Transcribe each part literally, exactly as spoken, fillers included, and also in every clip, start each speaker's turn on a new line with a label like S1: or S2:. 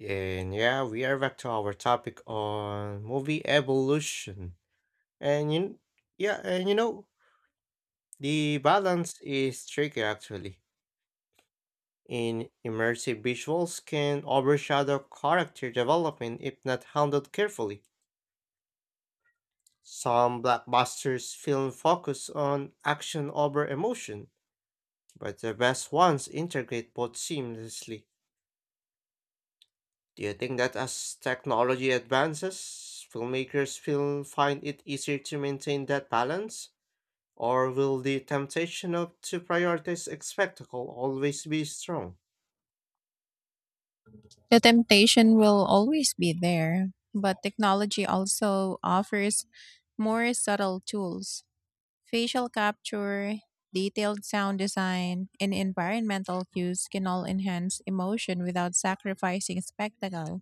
S1: And yeah, we are back to our topic on movie evolution. And you, yeah, and you know, the balance is tricky actually. In immersive visuals can overshadow character development if not handled carefully. Some blockbusters film focus on action over emotion, but the best ones integrate both seamlessly. Do you think that as technology advances, filmmakers will find it easier to maintain that balance? Or will the temptation of to prioritize spectacle always be strong?
S2: The temptation will always be there, but technology also offers more subtle tools. Facial capture, detailed sound design, and environmental cues can all enhance emotion without sacrificing spectacle.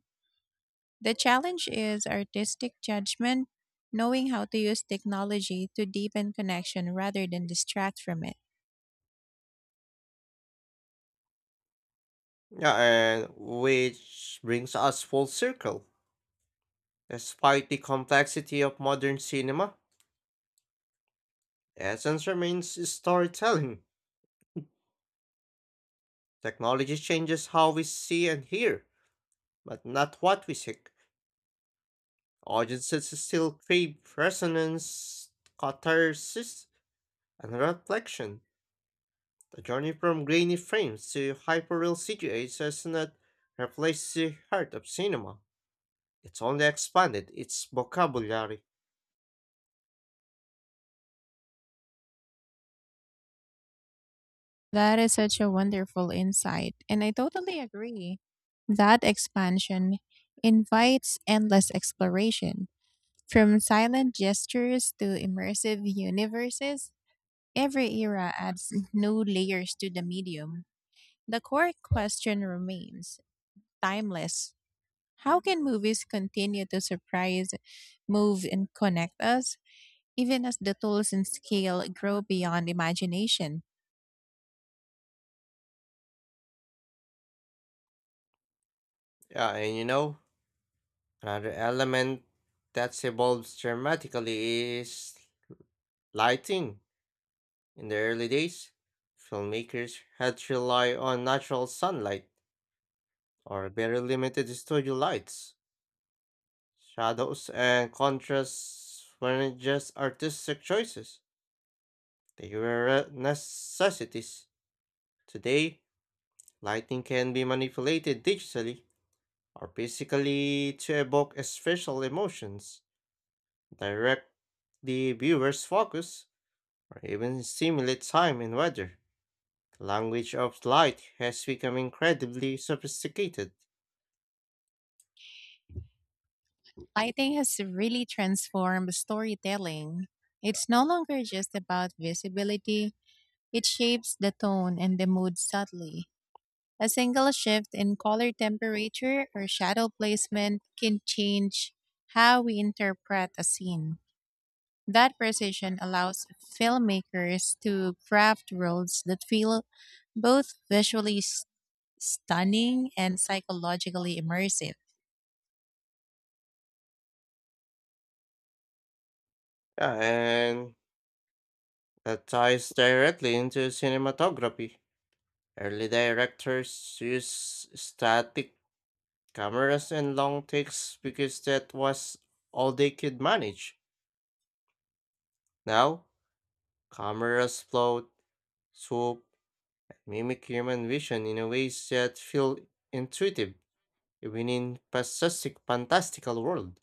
S2: The challenge is artistic judgment, knowing how to use technology to deepen connection rather than distract from it.
S1: Yeah, and which brings us full circle. Despite the complexity of modern cinema, the essence remains storytelling. Technology changes how we see and hear, but not what we seek. Audiences still crave resonance, catharsis, and reflection. The journey from grainy frames to hyperreal C G I has not replaced the heart of cinema. It's only expanded its vocabulary.
S2: That is such a wonderful insight, and I totally agree. That expansion invites endless exploration. From silent gestures to immersive universes, every era adds new layers to the medium. The core question remains timeless. How can movies continue to surprise, move, and connect us, even as the tools and scale grow beyond imagination?
S1: Yeah, and you know, another element that's evolved dramatically is lighting. In the early days, filmmakers had to rely on natural sunlight or very limited studio lights. Shadows and contrasts weren't just artistic choices, they were uh, necessities. Today, lighting can be manipulated digitally or physically to evoke special emotions, direct the viewer's focus, or even simulate time and weather. The language of light has become incredibly sophisticated.
S2: Lighting has really transformed storytelling. It's no longer just about visibility, it shapes the tone and the mood subtly. A single shift in color temperature or shadow placement can change how we interpret a scene. That precision allows filmmakers to craft roles that feel both visually s- stunning and psychologically immersive.
S1: Yeah, and that ties directly into cinematography. Early directors used static cameras and long takes because that was all they could manage. Now, cameras float, swoop, mimic human vision in a ways that feel intuitive, even in fantastic, fantastical world.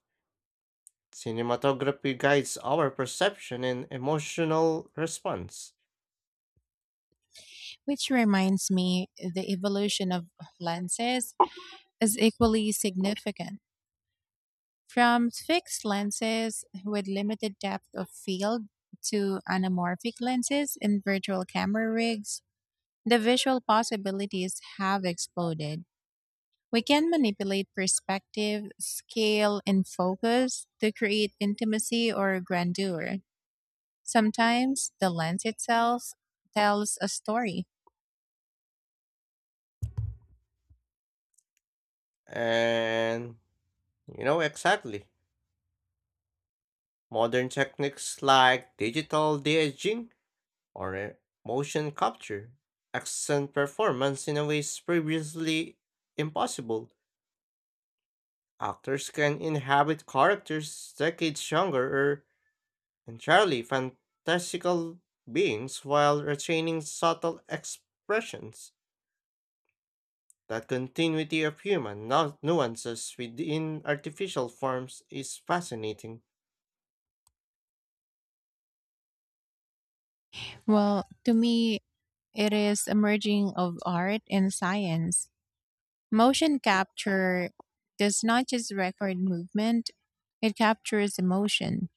S1: Cinematography guides our perception and emotional response.
S2: Which reminds me, the evolution of lenses is equally significant. From fixed lenses with limited depth of field to anamorphic lenses and virtual camera rigs, the visual possibilities have exploded. We can manipulate perspective, scale, and focus to create intimacy or grandeur. Sometimes the lens itself tells a story.
S1: And you know exactly. Modern techniques like digital de-aging or a motion capture, accent performance in a ways previously impossible. Actors can inhabit characters decades younger or entirely fantastical beings while retaining subtle expressions. That continuity of human nu- nuances within artificial forms is fascinating.
S2: Well, to me, it is a merging of art and science. Motion capture does not just record movement, it captures emotion.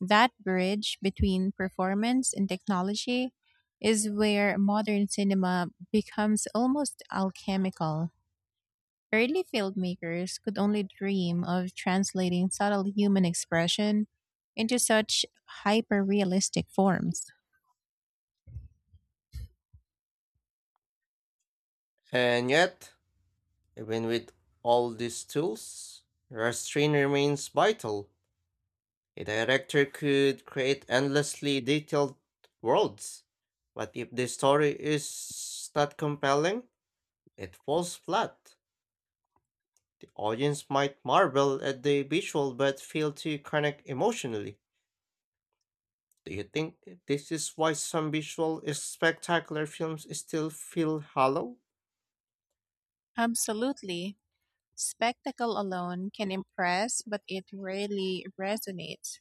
S2: That bridge between performance and technology is where modern cinema becomes almost alchemical. Early filmmakers could only dream of translating subtle human expression into such hyper realistic forms.
S1: And yet, even with all these tools, restraint remains vital. A director could create endlessly detailed worlds, but if the story is not compelling, it falls flat. The audience might marvel at the visual but fail to connect emotionally. Do you think this is why some visual spectacular films still feel hollow?
S2: Absolutely. Spectacle alone can impress, but it rarely resonates.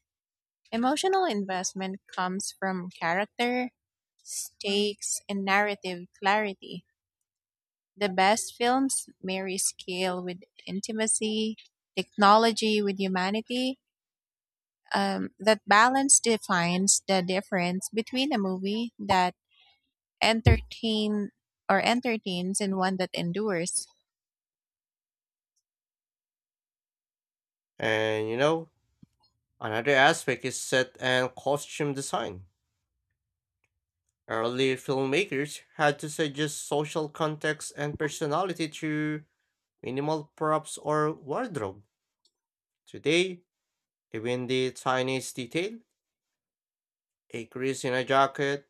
S2: Emotional investment comes from character, stakes, and narrative clarity. The best films marry scale with intimacy, technology with humanity. Um, that balance defines the difference between a movie that entertain or entertains and one that endures.
S1: And you know, another aspect is set and costume design. Early filmmakers had to suggest social context and personality through minimal props or wardrobe. Today, even the tiniest detail, a crease in a jacket,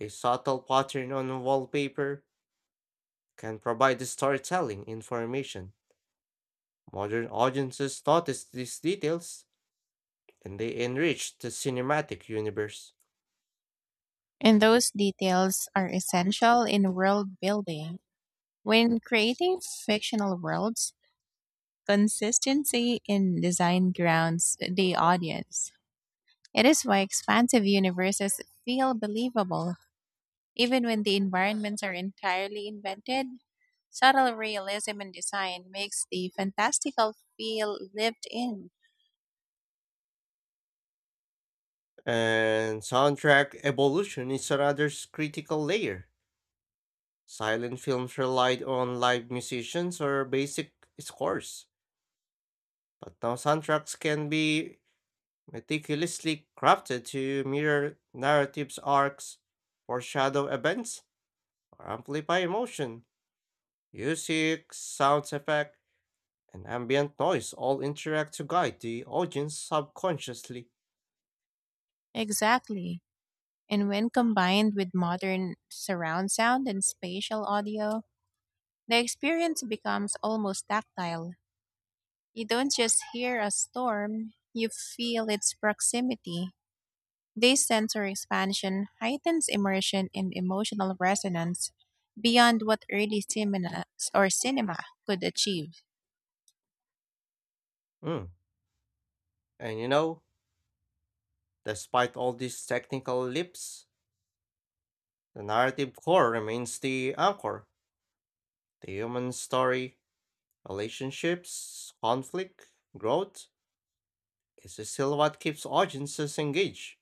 S1: a subtle pattern on wallpaper, can provide storytelling information. Modern audiences notice these details and they enrich the cinematic universe.
S2: And those details are essential in world building. When creating fictional worlds, consistency in design grounds the audience. It is why expansive universes feel believable, even when the environments are entirely invented. Subtle realism in design makes the fantastical feel lived in.
S1: And soundtrack evolution is another s- critical layer. Silent films relied on live musicians or basic scores, but now soundtracks can be meticulously crafted to mirror narrative's arcs, foreshadow events, or amplify emotion. Music, sound effect, and ambient noise all interact to guide the audience subconsciously.
S2: Exactly. And when combined with modern surround sound and spatial audio, the experience becomes almost tactile. You don't just hear a storm, you feel its proximity. This sensory expansion heightens immersion and emotional resonance beyond what early cinema or cinema could achieve,
S1: Mm. And you know, despite all these technical leaps, the narrative core remains the anchor. The human story, relationships, conflict, growth is still what keeps audiences engaged.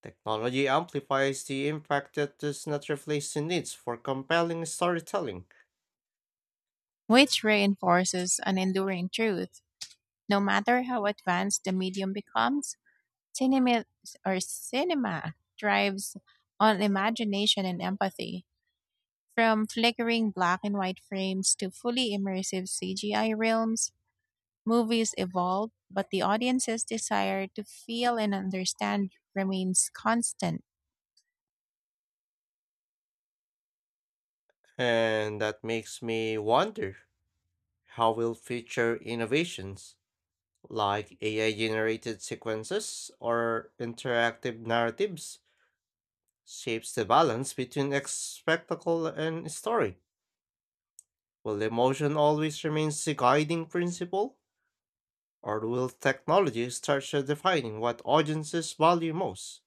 S1: Technology amplifies the impact that does not replace the needs for compelling storytelling,
S2: which reinforces an enduring truth. No matter how advanced the medium becomes, cinema or cinema thrives on imagination and empathy. From flickering black and white frames to fully immersive C G I realms, movies evolve, but the audience's desire to feel and understand remains constant.
S1: and that makes me wonder how will future innovations like A I generated sequences or interactive narratives shapes the balance between ex- spectacle and story. Will emotion always remain the guiding principle, or will technology start defining what audiences value most?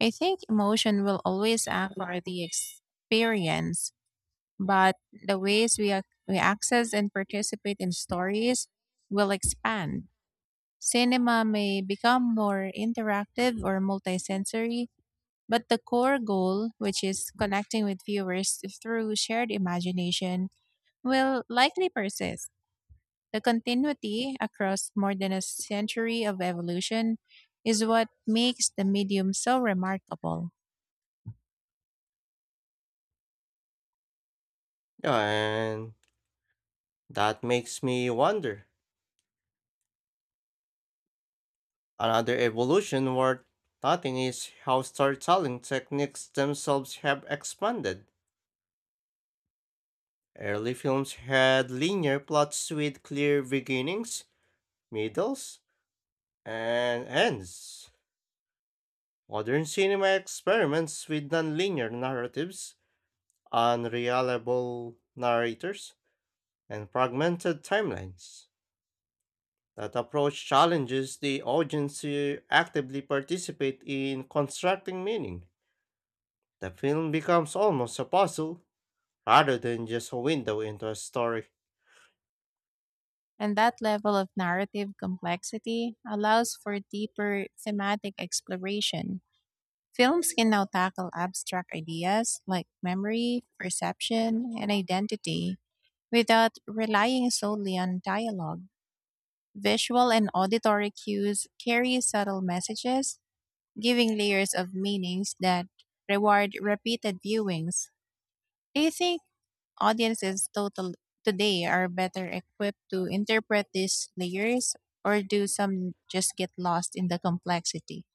S2: I think emotion will always anchor the experience, but the ways we, ac- we access and participate in stories will expand. Cinema may become more interactive or multisensory, but the core goal, which is connecting with viewers through shared imagination, will likely persist. The continuity across more than a century of evolution is what makes the medium so remarkable.
S1: Yeah, and that makes me wonder. Another evolution worth noting is how storytelling techniques themselves have expanded. Early films had linear plots with clear beginnings, middles, and ends. Modern cinema experiments with nonlinear narratives, unreliable narrators, and fragmented timelines. That approach challenges the audience to actively participate in constructing meaning. The film becomes almost a puzzle rather than just a window into a story.
S2: And that level of narrative complexity allows for deeper thematic exploration. Films can now tackle abstract ideas like memory, perception, and identity without relying solely on dialogue. Visual and auditory cues carry subtle messages, giving layers of meanings that reward repeated viewings. Do you think audiences total today are better equipped to interpret these layers, or do some just get lost in the complexity?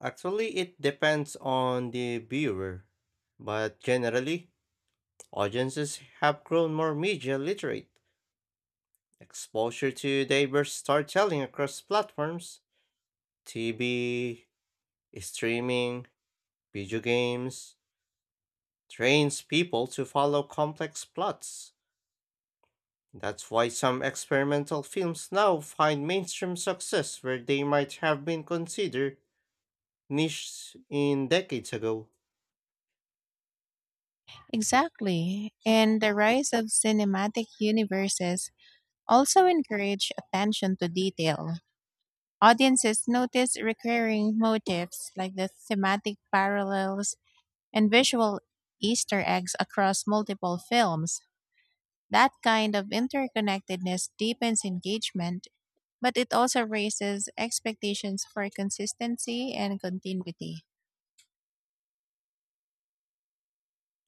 S1: Actually, it depends on the viewer, but generally, audiences have grown more media literate. Exposure to diverse storytelling across platforms, T V, streaming, video games, trains people to follow complex plots. That's why some experimental films now find mainstream success where they might have been considered niche in decades ago.
S2: Exactly. And the rise of cinematic universes also encourage attention to detail. Audiences notice recurring motifs like the thematic parallels and visual Easter eggs across multiple films. That kind of interconnectedness deepens engagement, but it also raises expectations for consistency and continuity,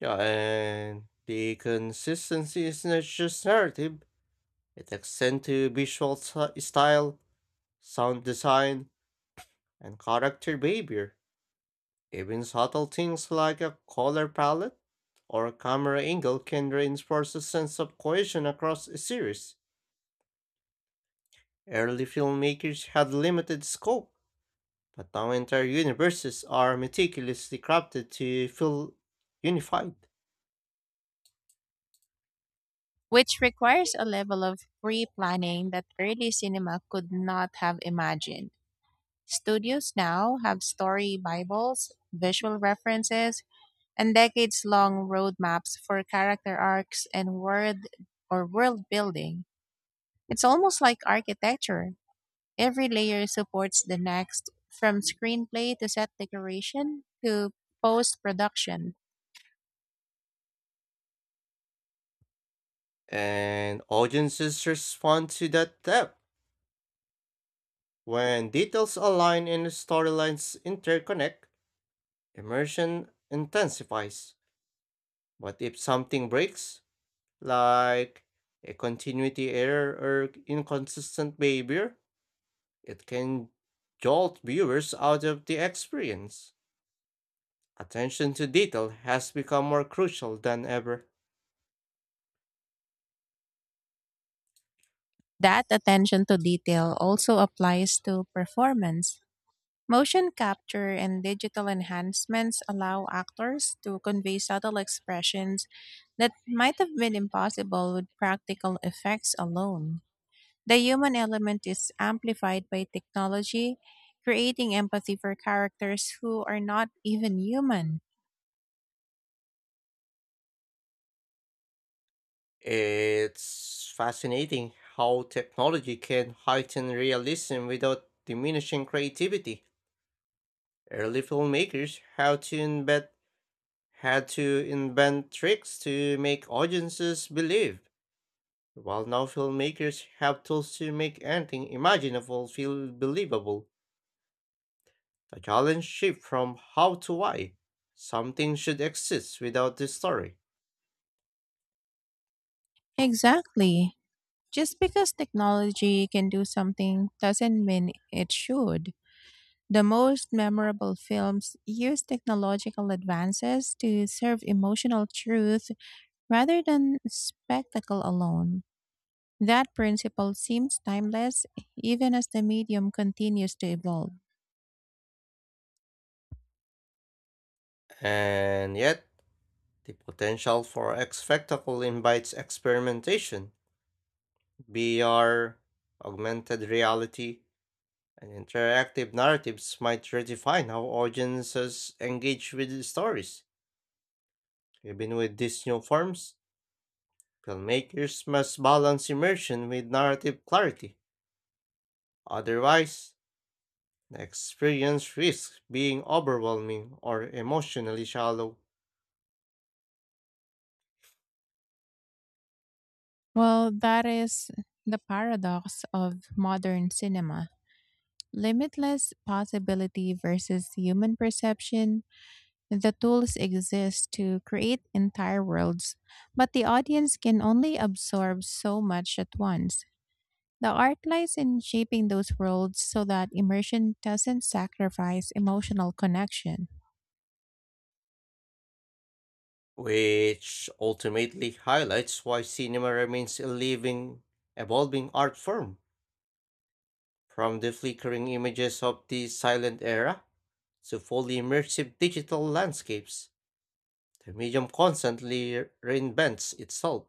S1: Yeah, and the consistency is not just narrative, it extends to visual si- style, sound design, and character behavior. Even subtle things like a color palette or camera angle can reinforce a sense of cohesion across a series. Early filmmakers had limited scope, but now entire universes are meticulously crafted to feel unified.
S2: which requires a level of pre planning that early cinema could not have imagined. Studios now have story Bibles, visual references, and decades long roadmaps for character arcs and world or world building. It's almost like architecture. Every layer supports the next, from screenplay to set decoration to post production.
S1: And audiences respond to that depth. When details align and storylines interconnect, immersion intensifies. But if something breaks, like a continuity error or inconsistent behavior, it can jolt viewers out of the experience. Attention to detail has become more crucial than ever.
S2: That attention to detail also applies to performance. Motion capture and digital enhancements allow actors to convey subtle expressions that might have been impossible with practical effects alone. The human element is amplified by technology, creating empathy for characters who are not even human.
S1: It's fascinating how technology can heighten realism without diminishing creativity. Early filmmakers had to invent, had to invent tricks to make audiences believe, while now filmmakers have tools to make anything imaginable feel believable. The challenge shift from how to why. Something should exist without the story.
S2: Exactly. Just because technology can do something doesn't mean it should. The most memorable films use technological advances to serve emotional truth rather than spectacle alone. That principle seems timeless even as the medium continues to evolve.
S1: And yet, the potential for a spectacle invites experimentation. V R, augmented reality, and interactive narratives might redefine how audiences engage with stories. Even with these new forms, filmmakers must balance immersion with narrative clarity. Otherwise, the experience risks being overwhelming or emotionally shallow,
S2: Well, that is the paradox of modern cinema, limitless possibility versus human perception. The tools exist to create entire worlds, but the audience can only absorb so much at once. The art lies in shaping those worlds so that immersion doesn't sacrifice emotional connection.
S1: which ultimately highlights why cinema remains a living, evolving art form. From the flickering images of the silent era to fully immersive digital landscapes, the medium constantly reinvents itself.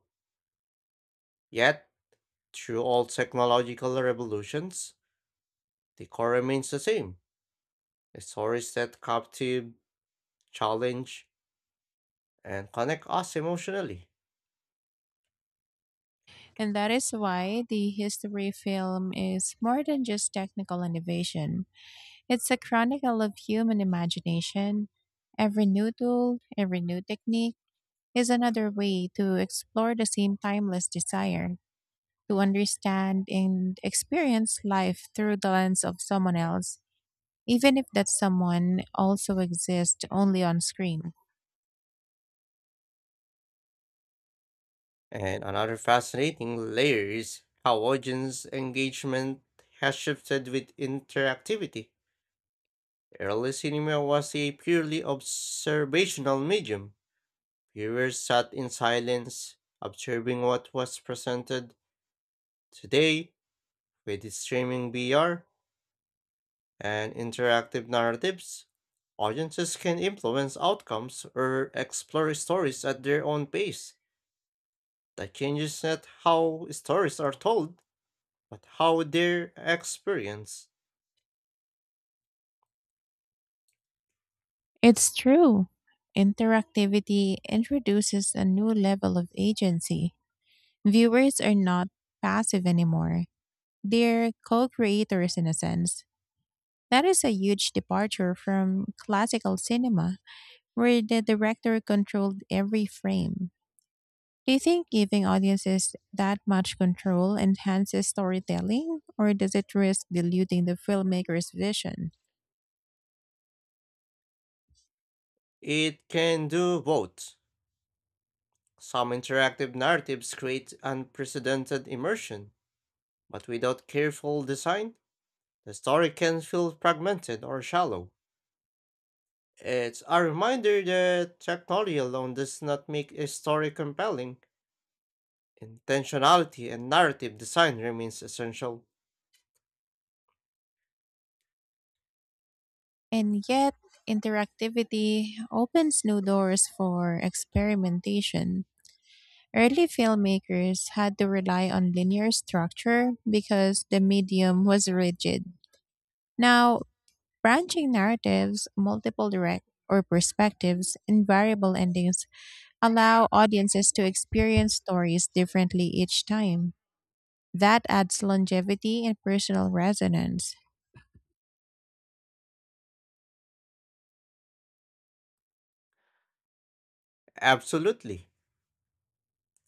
S1: Yet, through all technological revolutions, the core remains the same, the stories that captivate, challenge, and connect us emotionally.
S2: And that is why the history film is more than just technical innovation. It's a chronicle of human imagination. Every new tool, every new technique is another way to explore the same timeless desire, to understand and experience life through the lens of someone else, even if that someone also exists only on screen.
S1: And another fascinating layer is how audience engagement has shifted with interactivity. Early cinema was a purely observational medium. Viewers sat in silence, observing what was presented. Today, with streaming V R and interactive narratives, audiences can influence outcomes or explore stories at their own pace. That changes not how stories are told, but how they're experienced.
S2: It's true. Interactivity introduces a new level of agency. Viewers are not passive anymore, they're co creators in a sense. That is a huge departure from classical cinema, where the director controlled every frame. Do you think giving audiences that much control enhances storytelling, or does it risk diluting the filmmaker's vision?
S1: It can do both. Some interactive narratives create unprecedented immersion, but without careful design, the story can feel fragmented or shallow. It's a reminder that technology alone does not make a story compelling. Intentionality and narrative design remains essential.
S2: And yet, interactivity opens new doors for experimentation. Early filmmakers had to rely on linear structure because the medium was rigid. Now, branching narratives, multiple direct or perspectives, and variable endings allow audiences to experience stories differently each time. That adds longevity and personal resonance.
S1: Absolutely.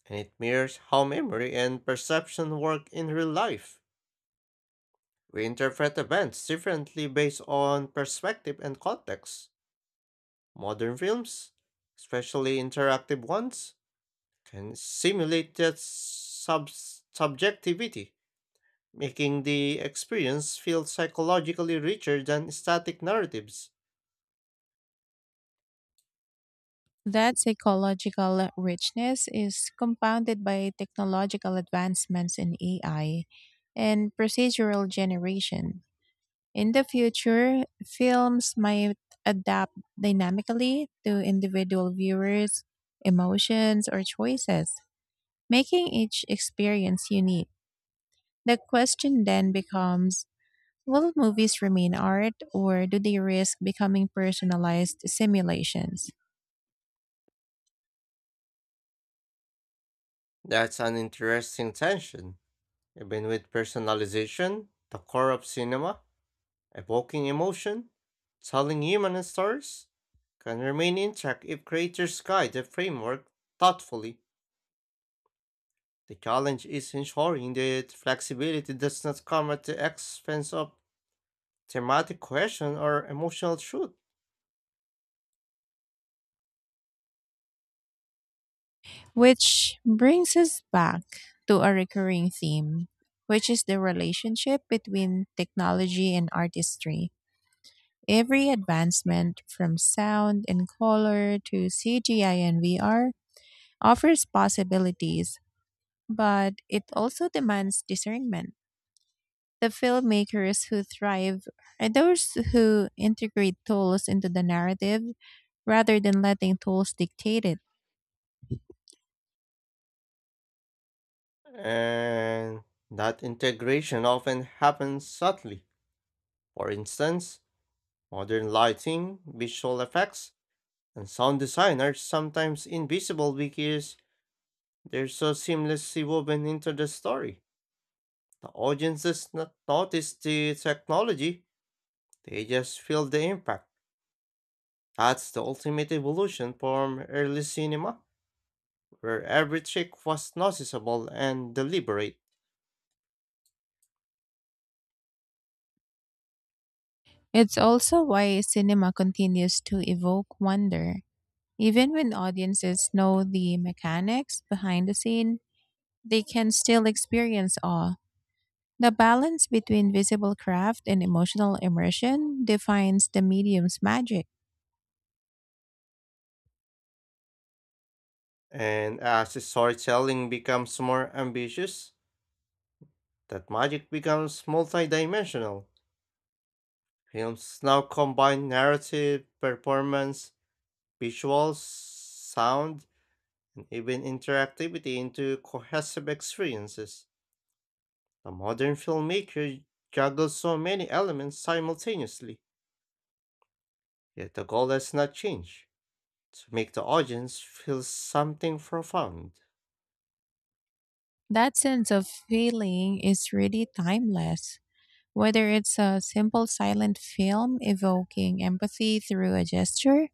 S1: And it mirrors how memory and perception work in real life. We interpret events differently based on perspective and context. Modern films, especially interactive ones, can simulate that sub subjectivity, making the experience feel psychologically richer than static narratives.
S2: That psychological richness is compounded by technological advancements in A I and procedural generation. In the future, films might adapt dynamically to individual viewers' emotions or choices, making each experience unique. The question then becomes, will movies remain art or do they risk becoming personalized simulations?
S1: That's an interesting tension. Even with personalization, the core of cinema, evoking emotion, telling human stories, can remain intact if creators guide the framework thoughtfully. The challenge is ensuring that flexibility does not come at the expense of thematic cohesion or emotional truth.
S2: Which brings us back to a recurring theme, which is the relationship between technology and artistry. Every advancement, from sound and color to C G I and V R, offers possibilities, but it also demands discernment. The filmmakers who thrive are those who integrate tools into the narrative rather than letting tools dictate it.
S1: And that integration often happens subtly. For instance, modern lighting, visual effects, and sound design are sometimes invisible because they're so seamlessly woven into the story. The audience does not notice the technology, they just feel the impact. That's the ultimate evolution from early cinema, where every trick was noticeable and deliberate.
S2: It's also why cinema continues to evoke wonder. Even when audiences know the mechanics behind the scene, they can still experience awe. The balance between visible craft and emotional immersion defines the medium's magic.
S1: And as storytelling becomes more ambitious, that magic becomes multidimensional. Films now combine narrative, performance, visuals, sound, and even interactivity into cohesive experiences. The modern filmmaker juggles so many elements simultaneously, yet the goal has not changed to make the audience feel something profound.
S2: That sense of feeling is really timeless. Whether it's a simple silent film evoking empathy through a gesture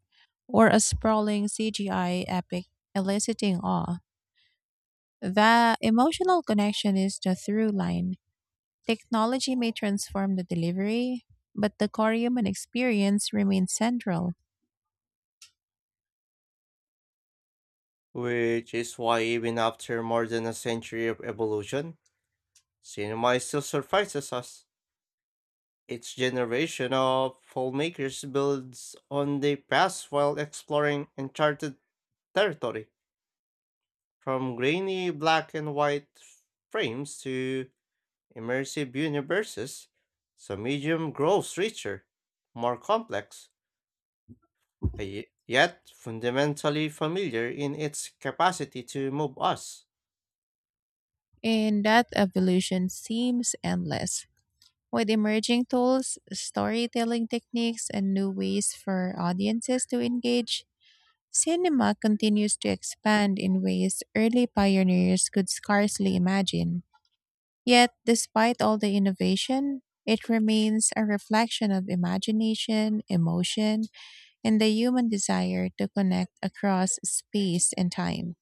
S2: or a sprawling C G I epic eliciting awe, the emotional connection is the through line. Technology may transform the delivery, but the core human experience remains central.
S1: Which is why, even after more than a century of evolution, cinema still surprises us. Each generation of filmmakers builds on the past while exploring uncharted territory, from grainy black and white frames to immersive universes. So medium grows richer, more complex, uh, ye- yet fundamentally familiar in its capacity to move us.
S2: And that evolution seems endless. With emerging tools, storytelling techniques, and new ways for audiences to engage, cinema continues to expand in ways early pioneers could scarcely imagine. Yet, despite all the innovation, it remains a reflection of imagination, emotion, and the human desire to connect across space and time.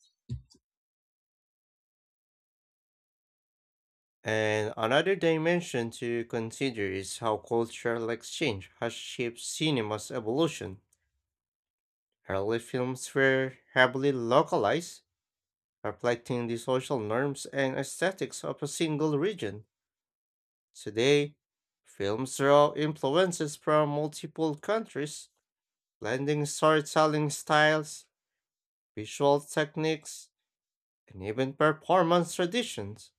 S1: And another dimension to consider is how cultural exchange has shaped cinema's evolution. Early films were heavily localized, reflecting the social norms and aesthetics of a single region. Today, films draw influences from multiple countries, blending storytelling styles, visual techniques, and even performance traditions.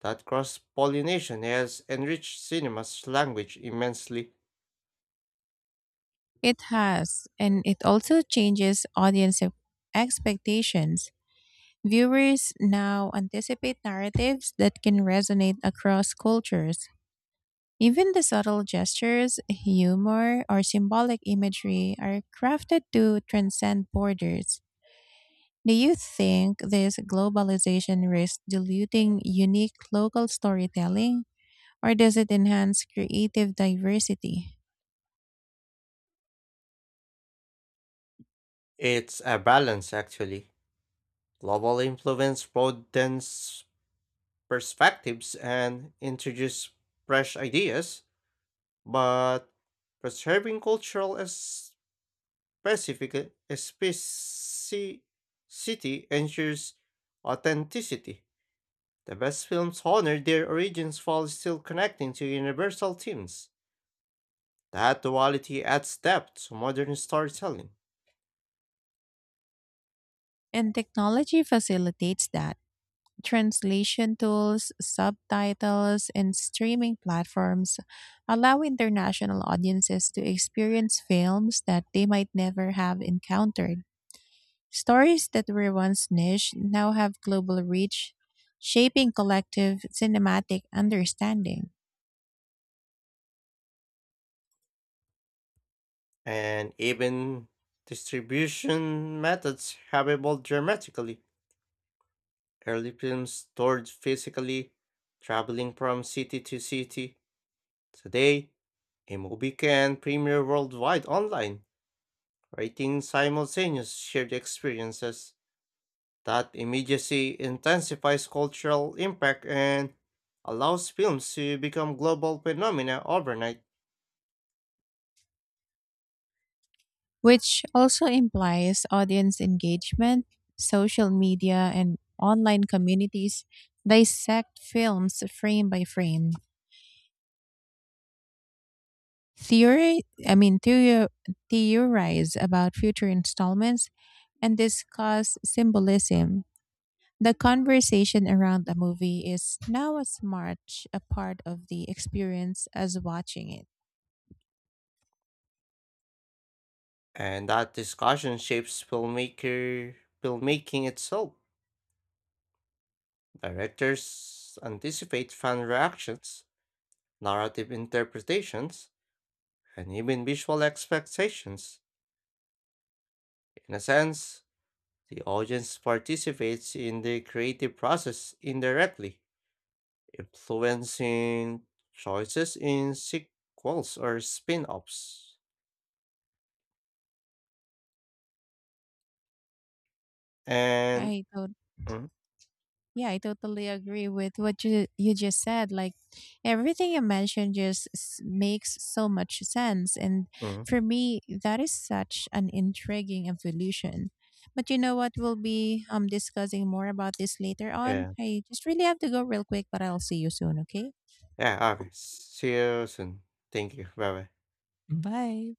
S1: That cross pollination has enriched cinema's language immensely.
S2: It has, and it also changes audience e- expectations. Viewers now anticipate narratives that can resonate across cultures. Even the subtle gestures, humor, or symbolic imagery are crafted to transcend borders. Do you think this globalization risks diluting unique local storytelling, or does it enhance creative diversity?
S1: It's a balance, actually. Global influence broadens perspectives and introduce fresh ideas, but preserving cultural as- specific specificity ensures authenticity. The best films honor their origins while still connecting to universal themes. That duality adds depth to modern storytelling,
S2: And technology facilitates that. Translation tools, subtitles, and streaming platforms allow international audiences to experience films that they might never have encountered. Stories that were once niche now have global reach, shaping collective cinematic understanding,
S1: and even distribution methods have evolved dramatically. Early films stored physically, traveling from city to city. Today, a movie can premiere worldwide online, creating simultaneous shared experiences. That immediacy intensifies cultural impact and allows films to become global phenomena overnight.
S2: which also implies audience engagement. Social media and online communities dissect films frame by frame, theory I mean theorio- theorize about future installments and discuss symbolism. The conversation around a movie is now as much a part of the experience as watching it.
S1: And that discussion shapes filmmaker filmmaking itself. Directors anticipate fan reactions, narrative interpretations, and even visual expectations. In a sense, the audience participates in the creative process indirectly, influencing choices in sequels or spin offs. And,
S2: I
S1: mm,
S2: Yeah, I totally agree with what you you just said. Like everything you mentioned just s- makes so much sense, and
S1: mm,
S2: for me, that is such an intriguing evolution. But you know what? We'll be um discussing more about this later on.
S1: yeah,
S2: I just really have to go real quick, but I'll see you soon. Okay.
S1: yeah, okay. See you soon. Thank you. Bye bye.
S2: Bye.